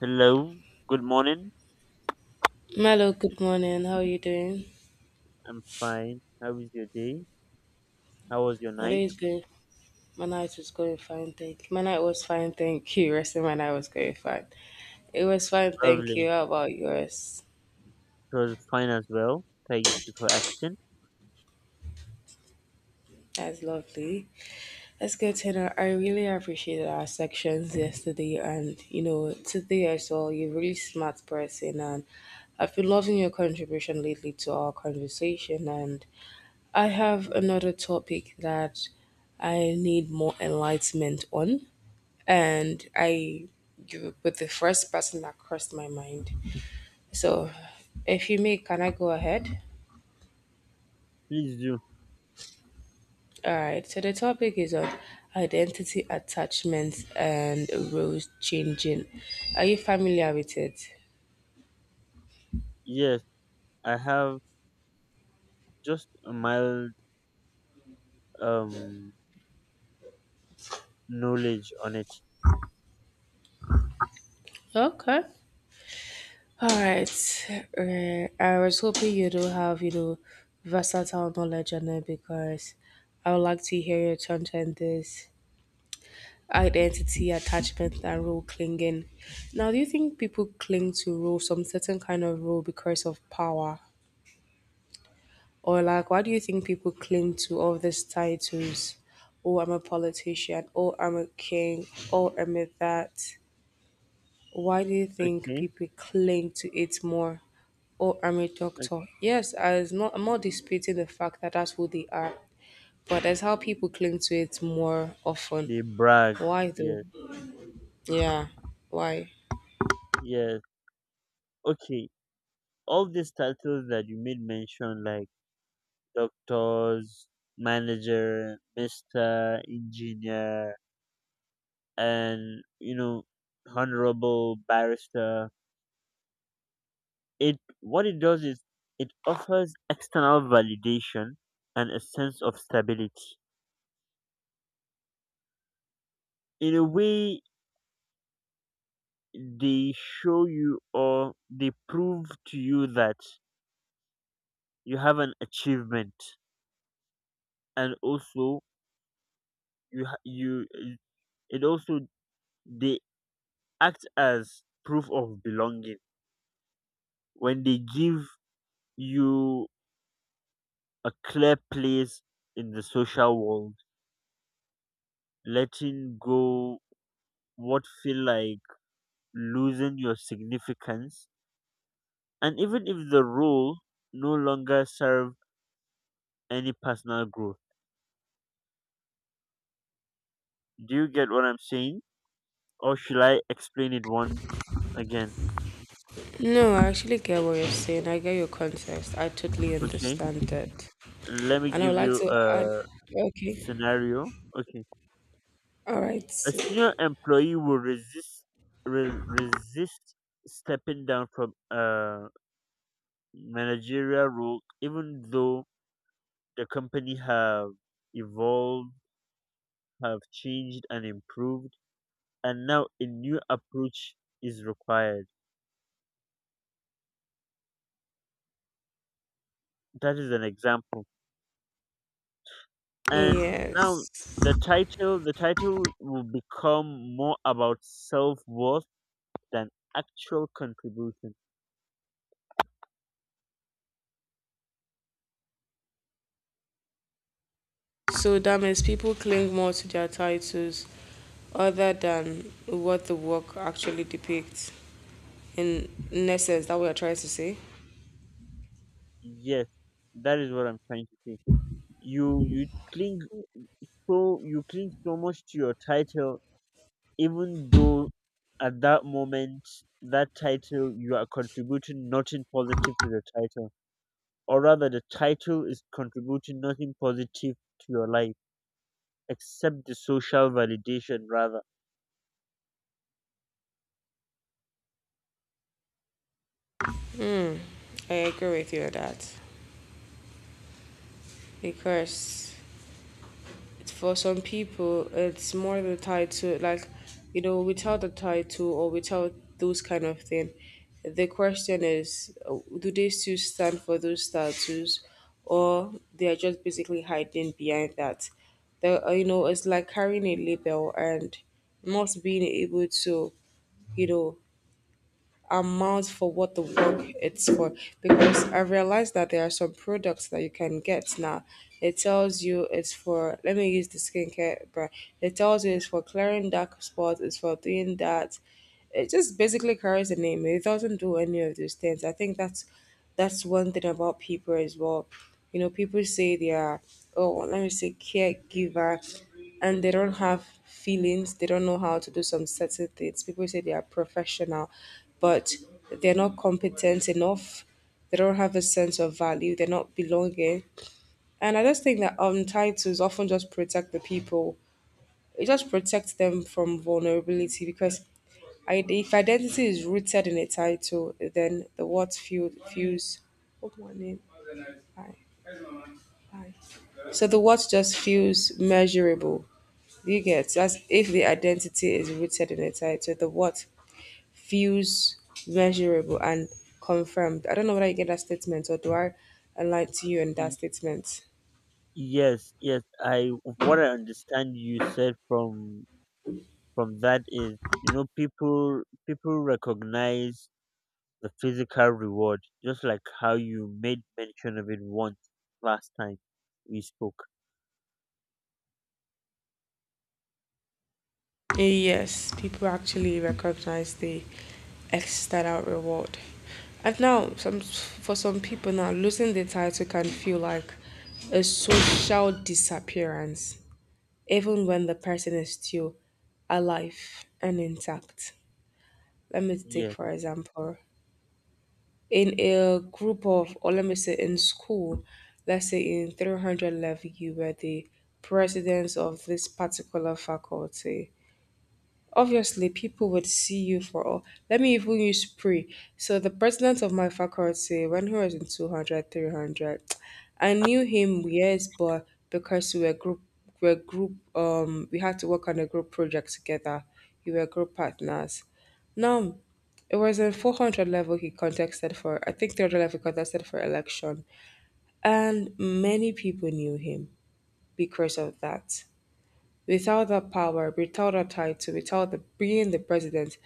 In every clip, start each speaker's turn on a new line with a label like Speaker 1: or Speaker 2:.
Speaker 1: Hello, good morning.
Speaker 2: Milo, good morning. How are you doing?
Speaker 1: I'm fine. How was your day? How was your
Speaker 2: My day is
Speaker 1: night?
Speaker 2: good. My night was going fine, thank you. My night was fine, thank you. Rest of my night was going fine. It was fine, thank you.
Speaker 1: Lovely.
Speaker 2: How about yours?
Speaker 1: It was fine as well. Thank you for asking.
Speaker 2: That's lovely. Let's go to the- I really appreciated our sections yesterday and, you know, today as well. You're a really smart person, and I've been loving your contribution lately to our conversation. And I have another topic that I need more enlightenment on, and I you were the first person that crossed my mind. So, if you may, can I go ahead?
Speaker 1: Please do.
Speaker 2: All right. So the topic is on identity attachments and roles changing. Are you familiar with it?
Speaker 1: Yes, I have just a mild um knowledge on it.
Speaker 2: Okay. All right. I was hoping you do have, you know, versatile knowledge on it, because I would like to hear your thoughts on this: identity, attachment, and role clinging. Now, do you think people cling to role, some certain kind of role, because of power? Or, like, why do you think people cling to all these titles? Oh, I'm a politician. Oh, I'm a king. Oh, I'm a that. Why do you think
Speaker 1: Okay.
Speaker 2: people cling to it more? Oh, I'm a
Speaker 1: Like
Speaker 2: doctor. Yes, I'm not disputing the fact that that's who they are, but that's how people cling to it more often.
Speaker 1: They brag.
Speaker 2: Why, though?
Speaker 1: Yes.
Speaker 2: Yeah, why?
Speaker 1: Yes. Okay. All these titles that you made mention, like doctors, manager, mister, engineer, and honorable barrister. It what it does is it offers external validation and a sense of stability. In a way, they show you or they prove to you that you have an achievement, and also you ha- you it also they act as proof of belonging when they give you a clear place in the social world. Letting go what feel like losing your significance, and even if the rule no longer serve any personal growth. Do you get what I'm saying? Or should I explain it once again?
Speaker 2: No, I actually get what you're saying. I get your context. I totally
Speaker 1: Okay.
Speaker 2: understand that.
Speaker 1: Let me
Speaker 2: And I
Speaker 1: give
Speaker 2: would like
Speaker 1: you
Speaker 2: to add,
Speaker 1: a
Speaker 2: okay,
Speaker 1: scenario. Okay.
Speaker 2: all right,
Speaker 1: A senior employee will resist resist stepping down from a managerial role, even though the company have evolved, have changed and improved, and now a new approach is required. That is an example. And
Speaker 2: yes.
Speaker 1: now the title will become more about self worth than actual contribution.
Speaker 2: So that means people cling more to their titles other than what the work actually depicts. In essence, that we are trying to say.
Speaker 1: Yes, that is what I'm trying to say. You cling, so you cling so much to your title even though at that moment that title you are contributing nothing positive to the title. Or rather, the title is contributing nothing positive to your life except the social validation rather.
Speaker 2: I agree with you on that. Because for some people, it's more the tied to, like, you know, without the title or without those kind of thing. The question is, do they still stand for those statues, or they are just basically hiding behind that? The you know, it's like carrying a label and not being able to, you know, amount for what the work it's for, because I realized that there are some products that you can get now. It tells you it's for, let me use the skincare brand. It tells you it's for clearing dark spots, it's for doing that. It just basically carries the name. It doesn't do any of those things. I think that's one thing about people as well. You know, people say they are, oh, let me say, caregiver, and they don't have feelings, they don't know how to do some certain things. People say they are professional, but they're not competent enough. They don't have a sense of value. They're not belonging. And I just think that, titles often just protect the people. It just protects them from vulnerability, because if identity is rooted in a title, then the feels. What do I need? Bye. Bye. So the what just feels measurable. You get, as if the identity is rooted in a title. The what feels measurable and confirmed. I don't know whether you get that statement, or do I align to you in that statement?
Speaker 1: Yes, yes. I what I understand you said from that is, people recognize the physical reward, just like how you made mention of it once last time we spoke.
Speaker 2: Yes, people actually recognize the external reward. And now, some for some people now, losing the title can feel like a social disappearance, even when the person is still alive and intact. Let me take
Speaker 1: Yes,
Speaker 2: for example, in a group of, or let me say in school, let's say in 300 level, you were the president of this particular faculty. Obviously, people would see you for all. Let me even use pre. So, the president of my faculty, when he was in 200, 300, I knew him, yes, but because we had to work on a group project together. We were group partners. Now, it was in 400 level he contested for, I think 300 level he contested for election. And many people knew him because of that. Without that power, without that title, without the, being the president,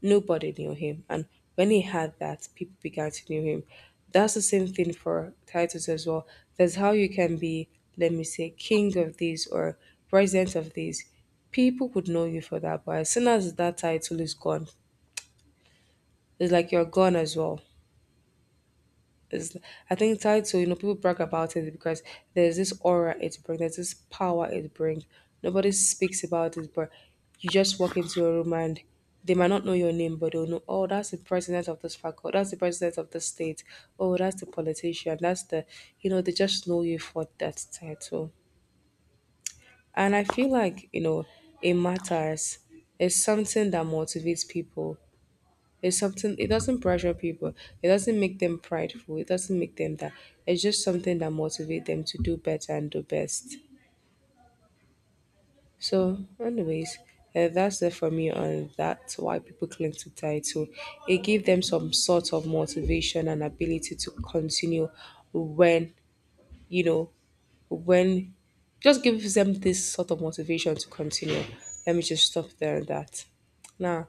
Speaker 2: nobody knew him. And when he had that, people began to know him. That's the same thing for titles as well. That's how you can be, let me say, king of this or president of this. People would know you for that. But as soon as that title is gone, it's like you're gone as well. Is I think title, you know, people brag about it because there's this aura it brings, there's this power it brings. Nobody speaks about it, but you just walk into your room and they might not know your name, but they'll know, oh, that's the president of this faculty, that's the president of the state, oh, that's the politician, that's the, you know, they just know you for that title. And I feel like, you know, it matters. It's something that motivates people, it's something it doesn't pressure people. It doesn't make them prideful. It doesn't make them that. It's just something that motivates them to do better and do best. So, anyways, that's it for me on that's why people cling to title. It gives them some sort of motivation and ability to continue when, you know, when just gives them this sort of motivation to continue. Let me just stop there at that. Now,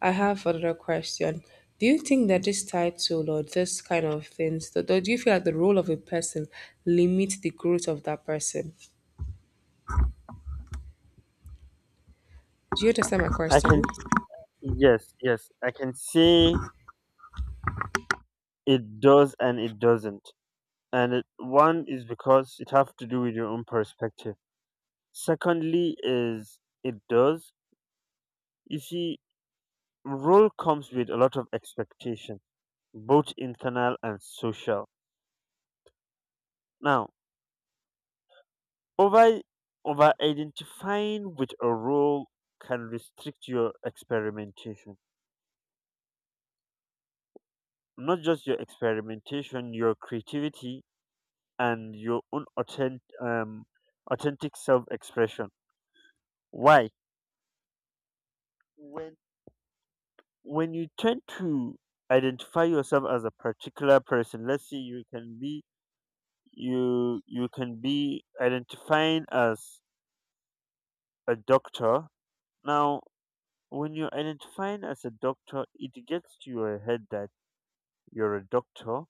Speaker 2: I have another question. Do you think that this title or this kind of things, do you feel like the role of a person limits the growth of that person? Do you understand my
Speaker 1: I
Speaker 2: question?
Speaker 1: can. Yes, yes. I can say it does and it doesn't. And it, one is because it have to do with your own perspective. Secondly, is it does. You see, role comes with a lot of expectation, both internal and social. Now, over over identifying with a role can restrict your experimentation. Not just your experimentation, your creativity and your own authentic self-expression. Why? When when you tend to identify yourself as a particular person, let's say you can be, you can be identifying as a doctor. Now, when you're identifying as a doctor, it gets to your head that you're a doctor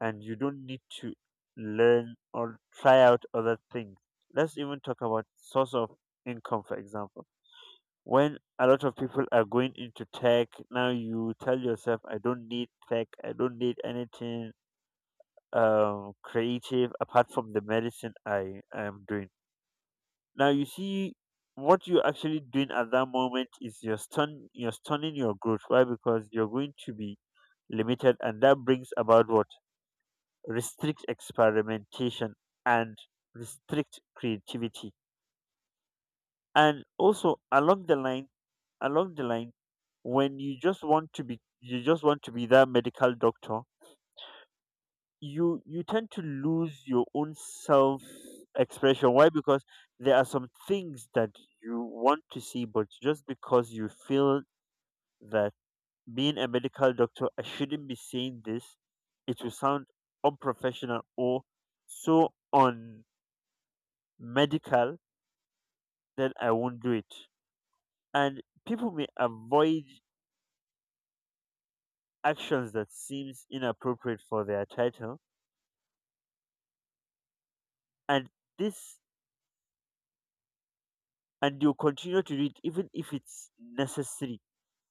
Speaker 1: and you don't need to learn or try out other things. Let's even talk about source of income, for example. When a lot of people are going into tech, now you tell yourself, I don't need tech, I don't need anything creative apart from the medicine I am doing. Now you see, what you're actually doing at that moment is you're stunning your growth. Why? Because you're going to be limited, and that brings about what? Restrict experimentation and restrict creativity. And also along the line, when you just want to be you just want to be that medical doctor, you tend to lose your own self expression. Why? Because there are some things that you want to see, but just because you feel that being a medical doctor, I shouldn't be saying this, it will sound unprofessional or so on medical, then I won't do it. And people may avoid actions that seems inappropriate for their title, and this, and you continue to do it even if it's necessary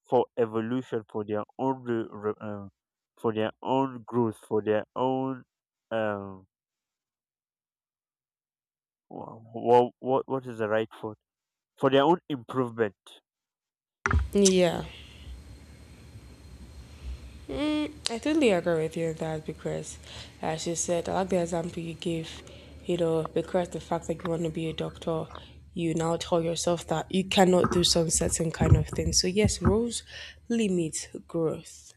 Speaker 1: for evolution, for their own for their own growth, for their own um what is the right word, for their own improvement.
Speaker 2: Yeah. Mm, I totally agree with you on that because, as you said, I like the example you gave, you know, because the fact that you want to be a doctor, you now tell yourself that you cannot do some certain kind of things. So, yes, rules limit growth.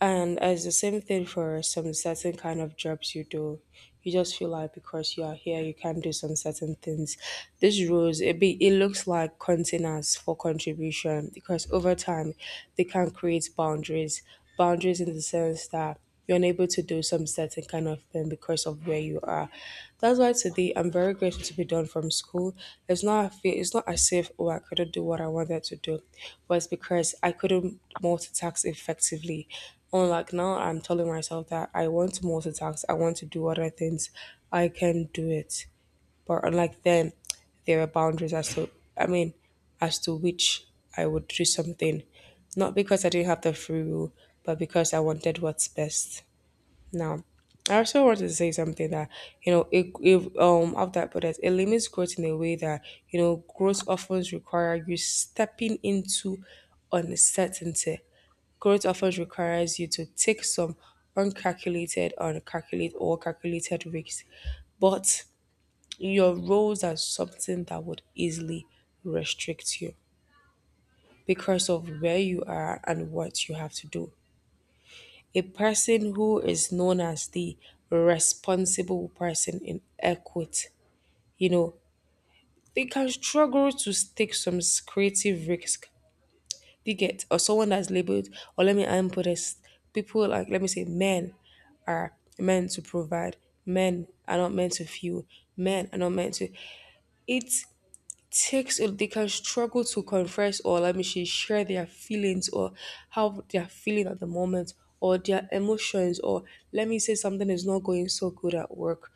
Speaker 2: And it's the same thing for some certain kind of jobs you do. You just feel like because you are here, you can do some certain things. These rules, it looks like containers for contribution, because over time they can create boundaries. Boundaries in the sense that you're unable to do some certain kind of thing because of where you are. That's why today I'm very grateful to be done from school. It's not as if, oh, I couldn't do what I wanted to do, but it's because I couldn't multitask effectively. And like now I'm telling myself that I want to multitask, I want to do other things, I can do it. But unlike then, there are boundaries as to, I mean, as to which I would do something. Not because I didn't have the free will, but because I wanted what's best. Now, I also want to say something that, you know, if of that product, it limits growth in a way that, you know, growth often requires you stepping into uncertainty. Growth often requires you to take some uncalculated, or calculated risks, but your roles are something that would easily restrict you because of where you are and what you have to do. A person who is known as the responsible person in equity, you know, they can struggle to take some creative risk. They get, or someone that's labeled, or let me input this, people like, let me say, men are meant to provide, men are not meant to feel, men are not meant to. It takes it they can struggle to confess, or let me say, share their feelings or how they're feeling at the moment or their emotions, or let me say, something is not going so good at work,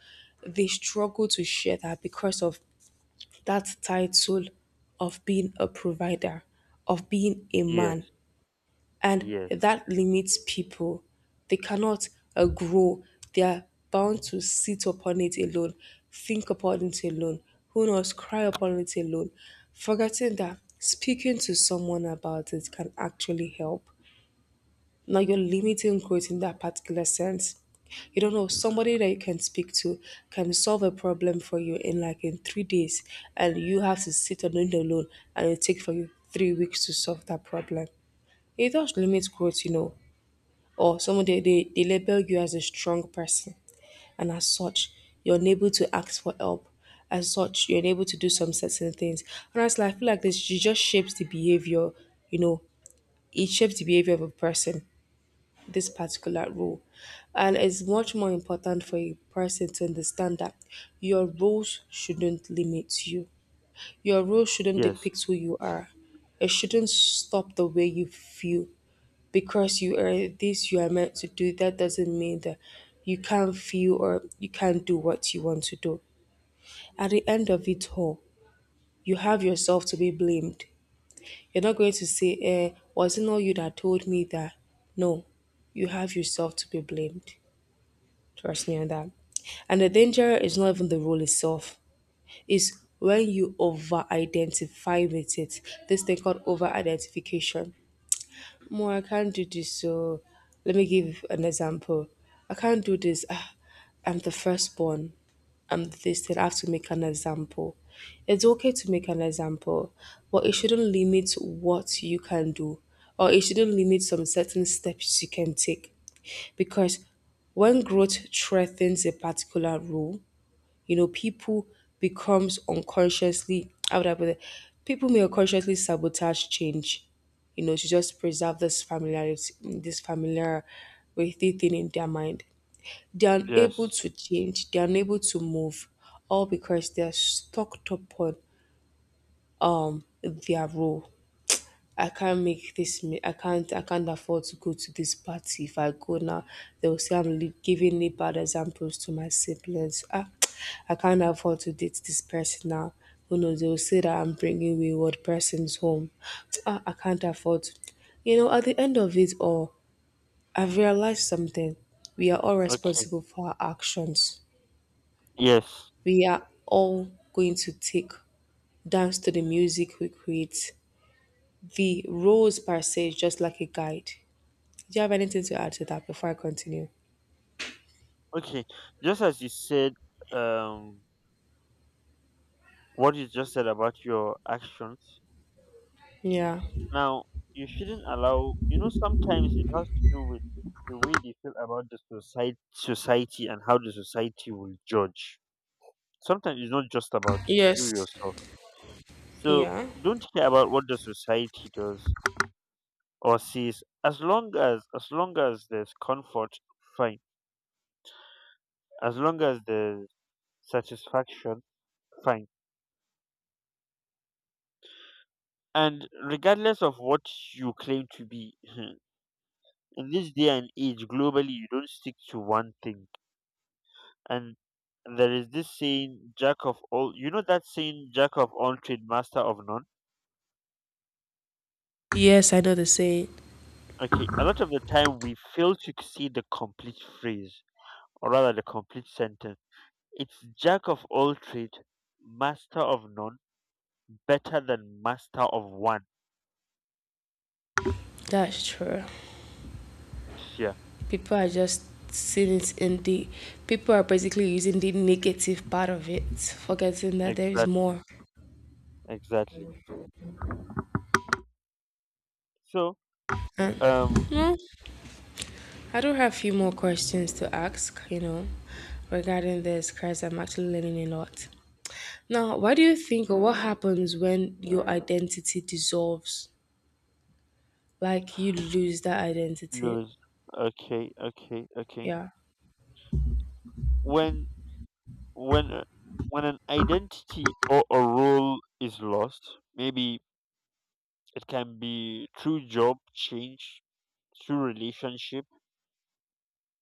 Speaker 2: they struggle to share that because of that title of being a provider, of being a
Speaker 1: Yes.
Speaker 2: man, and
Speaker 1: Yes.
Speaker 2: that limits people. They cannot, grow. They are bound to sit upon it alone, think upon it alone, who knows, cry upon it alone, forgetting that speaking to someone about it can actually help. Now you're limiting growth in that particular sense. You don't know somebody that you can speak to can solve a problem for you in like in 3 days, and you have to sit on it alone, and it take for you 3 weeks to solve that problem. It does limit growth, you know, or someone, they label you as a strong person, and as such you're unable to ask for help, as such you're unable to do some certain things. And as I feel like this, it just shapes the behavior, you know, it shapes the behavior of a person, this particular role. And it's much more important for a person to understand that your roles shouldn't limit you, your role shouldn't
Speaker 1: Yes.
Speaker 2: depict who you are, it shouldn't stop the way you feel. Because you are this, you are meant to do, that doesn't mean that you can't feel or you can't do what you want to do. At the end of it all, you have yourself to be blamed. You're not going to say, eh, was it not you that told me that? No, you have yourself to be blamed. Trust me on that. And the danger is not even the rule itself. It's when you over identify with it. This thing called over identification. More, I can't do this. So let me give an example. I can't do this. Ah, I'm the firstborn. I'm this. Then I have to make an example. It's okay to make an example, but it shouldn't limit what you can do, or it shouldn't limit some certain steps you can take, because when growth threatens a particular rule, people becomes unconsciously, how would I put it? People may unconsciously sabotage change, to just preserve this familiarity, this familiar with the thing in their mind. They are unable
Speaker 1: Yes.
Speaker 2: to change, they are unable to move, all because they are stuck upon their role. I can't make this. I can't. I can't afford to go to this party. If I go now, they will say giving the bad examples to my siblings. Ah, I can't afford to date this person now. Who knows? They will say that I'm bringing wayward persons home. Ah, I can't afford. To- You know, at the end of it all, I've realized something. We are all
Speaker 1: Okay.
Speaker 2: responsible for our actions.
Speaker 1: Yes.
Speaker 2: We are all going to take dance to the music we create. The roles per se is just like a guide. Do you have anything to add to that before I continue?
Speaker 1: Okay. Just as you said, um what you just said about your actions,
Speaker 2: Yeah.
Speaker 1: now you shouldn't allow, sometimes it has to do with the way they feel about the society, and how the society will judge. Sometimes it's not just about you
Speaker 2: Yes.
Speaker 1: yourself. So
Speaker 2: Yeah.
Speaker 1: don't care about what the society does or sees. As long as there's comfort, fine. As long as there's satisfaction, fine. And regardless of what you claim to be, in this day and age, globally, you don't stick to one thing. And there is this saying, "Jack of all." You know that saying, "Jack of all trade, master of none."
Speaker 2: Yes, I know the saying.
Speaker 1: Okay, a lot of the time we fail to see the complete phrase, or rather the complete sentence. It's jack of all trades, master of none, better than master of one.
Speaker 2: That's true.
Speaker 1: Yeah,
Speaker 2: People are just seeing it in the people are basically using the negative part of it, forgetting that there is
Speaker 1: exactly,
Speaker 2: more.
Speaker 1: exactly. So,
Speaker 2: And
Speaker 1: um,
Speaker 2: well, I do have a few more questions to ask, regarding this because I'm actually learning a lot. Now, what do you think or what happens when your identity dissolves? Like you lose that identity.
Speaker 1: Luz, okay, okay, okay.
Speaker 2: Yeah.
Speaker 1: When when uh, when an identity or a role is lost, maybe it can be through job change, through relationship,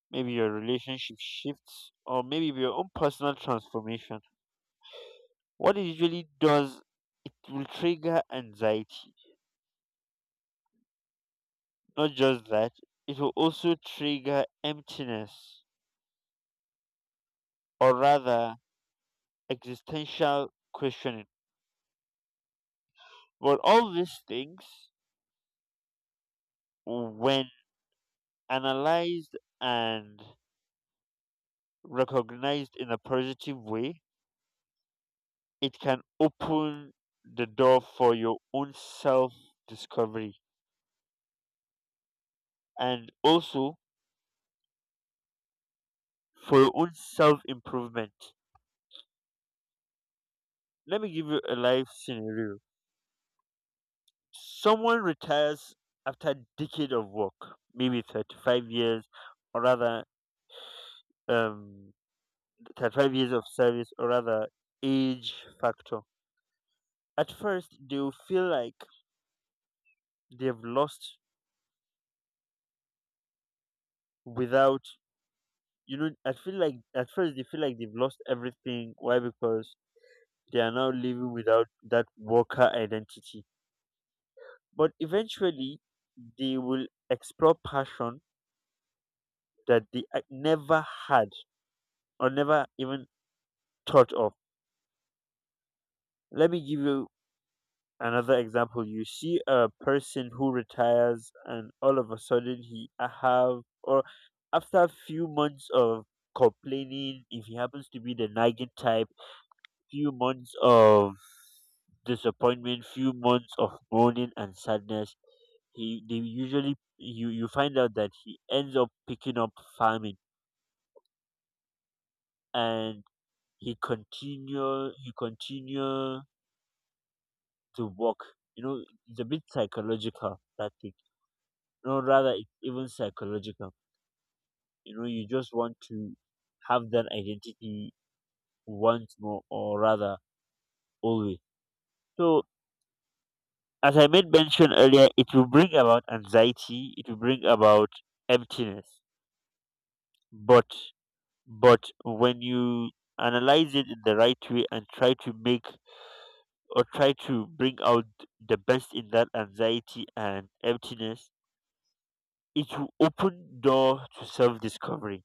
Speaker 1: maybe your relationship shifts, or maybe your own personal transformation. What it usually does, it will trigger anxiety. Not just that, it will also trigger emptiness, or rather, existential questioning. But all these things, when analyzed and recognized in a positive way, it can open the door for your own self discovery, and also for your own self improvement. Let me give you a life scenario. Someone retires after a decade of work, maybe 35 years, or rather, um, 35 years of service, or rather, age factor. At first, they'll feel like they've lost without, I feel like at first they feel like they've lost everything. Why? Because they are now living without that worker identity. But eventually, they will explore passion that they never had or never even thought of. Let me give you another example. You see a person who retires and all of a sudden he have, or after a few months of complaining, if he happens to be the nagging type, few months of disappointment, few months of mourning and sadness, he they usually you you find out that he ends up picking up farming, and he continue to work. It's a bit psychological, that thing. No, rather, it's even psychological. You just want to have that identity once more, or rather always. So, as I made mention earlier, it will bring about anxiety, it will bring about emptiness. But but when you analyze it in the right way and try to make, or try to bring out the best in that anxiety and emptiness, it will open door to self discovery.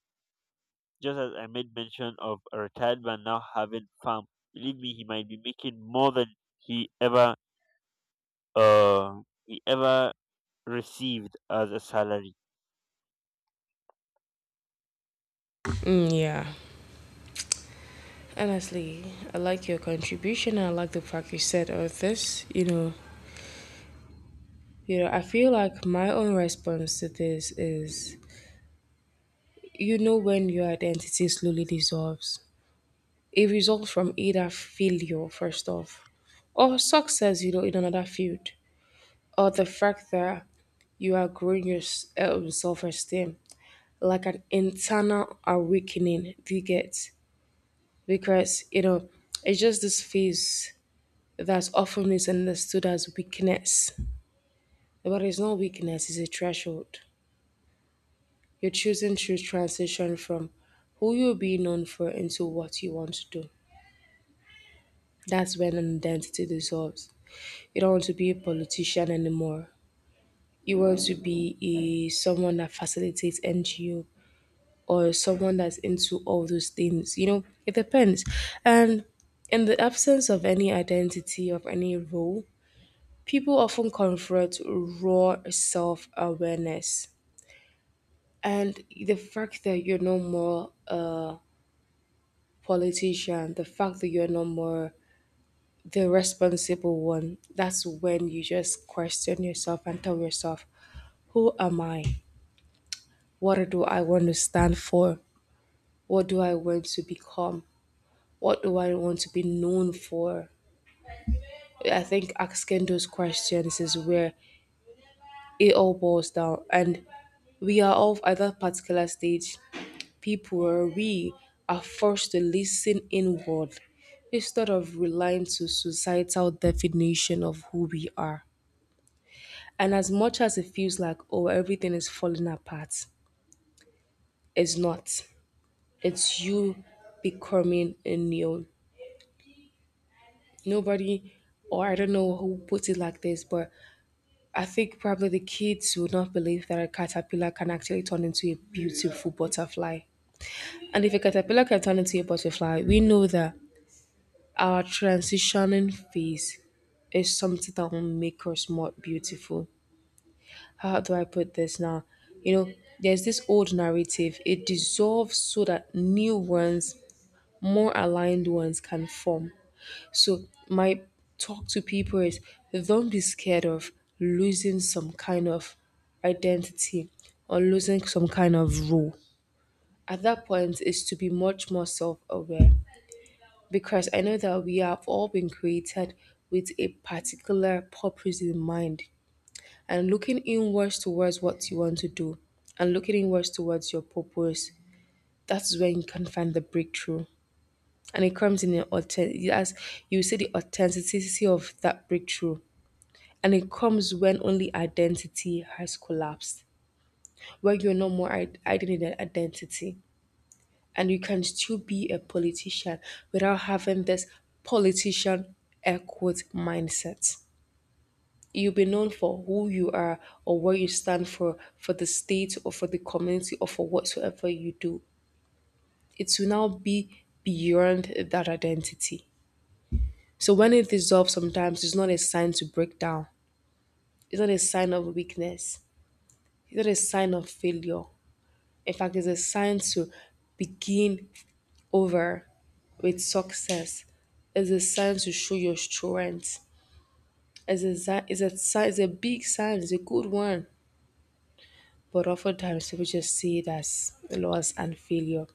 Speaker 1: Just as I made mention of a retired man now having farm, believe me, he might be making more than he ever he ever received as a salary.
Speaker 2: Mm, yeah. Honestly, I like your contribution. I like the fact you said all this. I feel like my own response to this is, when your identity slowly dissolves, it results from either failure first off, or success. You know, in another field, or the fact that you are growing your self-esteem, like an internal awakening. Do you get? Because you know, it's just this phase that's often misunderstood as weakness. But it's not weakness, it's a threshold. You're choosing to transition from who you are being known for into what you want to do. That's when an identity dissolves. You don't want to be a politician anymore. You want to be a, someone that facilitates NGO or someone that's into all those things. You know, it depends. And in the absence of any identity, of any role, people often confront raw self awareness and the fact that you're no more a politician, the fact that you're no more the responsible one. That's when you just question yourself and tell yourself, who am I? What do I want to stand for? What do I want to become? What do I want to be known for? I think asking those questions is where it all boils down. And we are all at that particular stage people where we are forced to listen inward instead of relying to societal definition of who we are. And as much as it feels like, oh, everything is falling apart, it's not. It's you becoming a new. Nobody, or I don't know who put it like this, but I think probably the kids would not believe that a caterpillar can actually turn into a beautiful butterfly. And if a caterpillar can turn into a butterfly, we know that our transitioning phase is something that will make us more beautiful. How do I put this now? You know, there's this old narrative, it dissolves so that new ones, more aligned ones, can form. So, my talk to people is don't be scared of losing some kind of identity or losing some kind of role. At that point, is to be much more self aware because I know that we have all been created with a particular purpose in mind and looking inwards towards what you want to do and looking inwards towards your purpose. That's where you can find the breakthrough. And it comes in an authentic, as you see the authenticity of that breakthrough. And it comes when only identity has collapsed, where you're no more hiding in an identity. And you can still be a politician without having this politician air quote mindset. You'll be known for who you are or what you stand for the state or for the community or for whatsoever you do. It will now be beyond that identity. So when it dissolves, sometimes it's not a sign to break down. It's not a sign of weakness. It's not a sign of failure. In fact, it's a sign to begin over with success is a sign to show your strength. Is a sign is a big sign, is a good one. But oftentimes people just see it as loss and failure.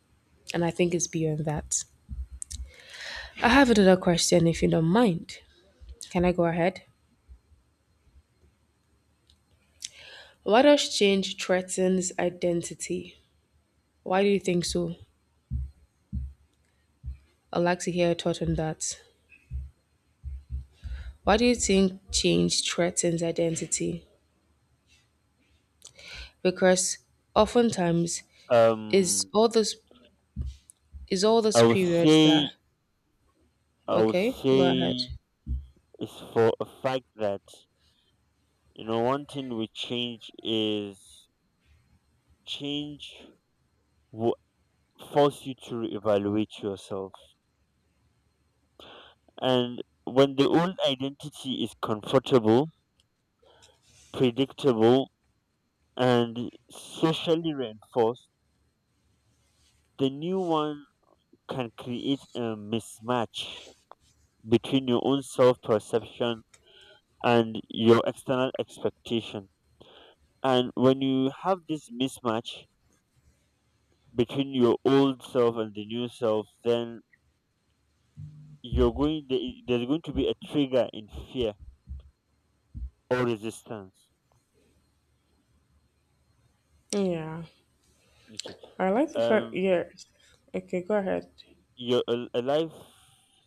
Speaker 2: And I think it's beyond that. I have another question if you don't mind. Can I go ahead? Why does change threatens identity? Why do you think so? I'd like to hear your thought on that. Why do you think change threatens identity? Because oftentimes is
Speaker 1: Um,
Speaker 2: all those it's all
Speaker 1: I
Speaker 2: those
Speaker 1: would
Speaker 2: periods
Speaker 1: say
Speaker 2: that.
Speaker 1: I would
Speaker 2: Okay, go ahead.
Speaker 1: say it's for a fact that, one thing with change is, change will force you to reevaluate yourself. And when the old identity is comfortable, predictable and socially reinforced, the new one can create a mismatch between your own self perception and your external expectation. And when you have this mismatch between your old self and the new self, then you're going there- there's going to be a trigger in fear or resistance.
Speaker 2: Yeah,
Speaker 1: Okay.
Speaker 2: I like the fact.
Speaker 1: Um,
Speaker 2: Yeah, okay, go ahead.
Speaker 1: your a life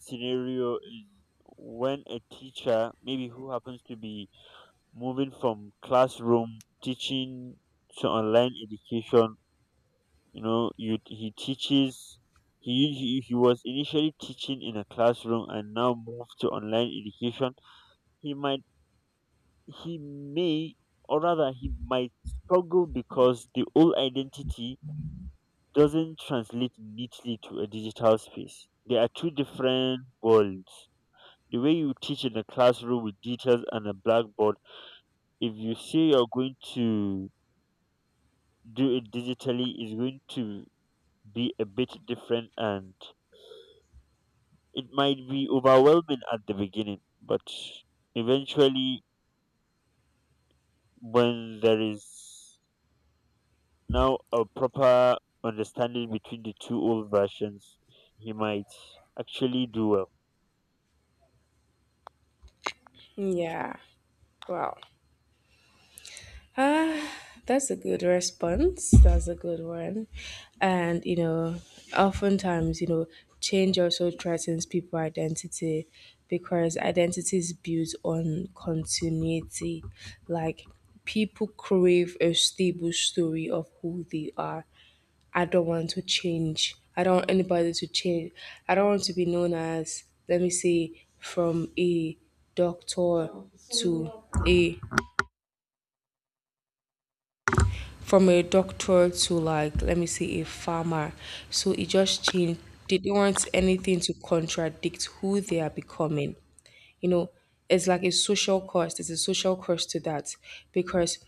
Speaker 1: scenario is when a teacher, maybe who happens to be moving from classroom teaching to online education, you know you he teaches he was initially teaching in a classroom and now moved to online education. He might he may or rather he might struggle because the old identity doesn't translate neatly to a digital space. There are two different worlds. The way you teach in a classroom with details and a blackboard, if you say you're going to do it digitally, is going to be a bit different. And it might be overwhelming at the beginning, but eventually, when there is now a proper understanding between the two old versions, he might actually do well.
Speaker 2: Yeah, wow. Ah, that's a good response. That's a good one. And, oftentimes, change also threatens people' identity because identity is built on continuity. Like, people crave a stable story of who they are. I don't want to change. I don't want anybody to change. I don't want to be known as, let me say, from a doctor to a from a doctor to like let me say a farmer, so it just changed. They don't want anything to contradict who they are becoming. You know, it's like a social cost, it's a social cost to that because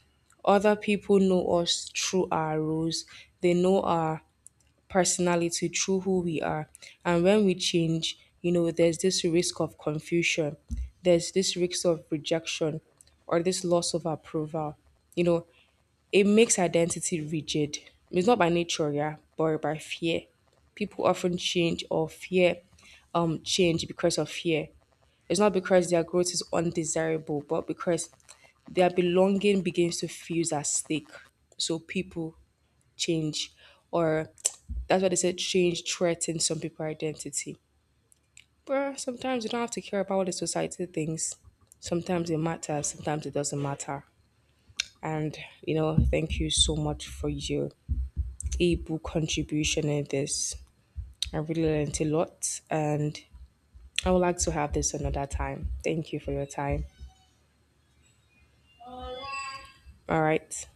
Speaker 2: other people know us through our roles. They know our personality through who we are, and when we change, you know, there's this risk of confusion, there's this risk of rejection or this loss of approval. You know, it makes identity rigid. It's not by nature, yeah, but by fear. People often change or fear change because of fear. It's not because their growth is undesirable, but because their belonging begins to feel at stake. So people change or that's why they said change threatens some people's identity. But sometimes you don't have to care about what the society thinks. Sometimes it matters, sometimes it doesn't matter. And you know, thank you so much for your able contribution in this. I really learned a lot and I would like to have this another time. Thank you for your time. All right.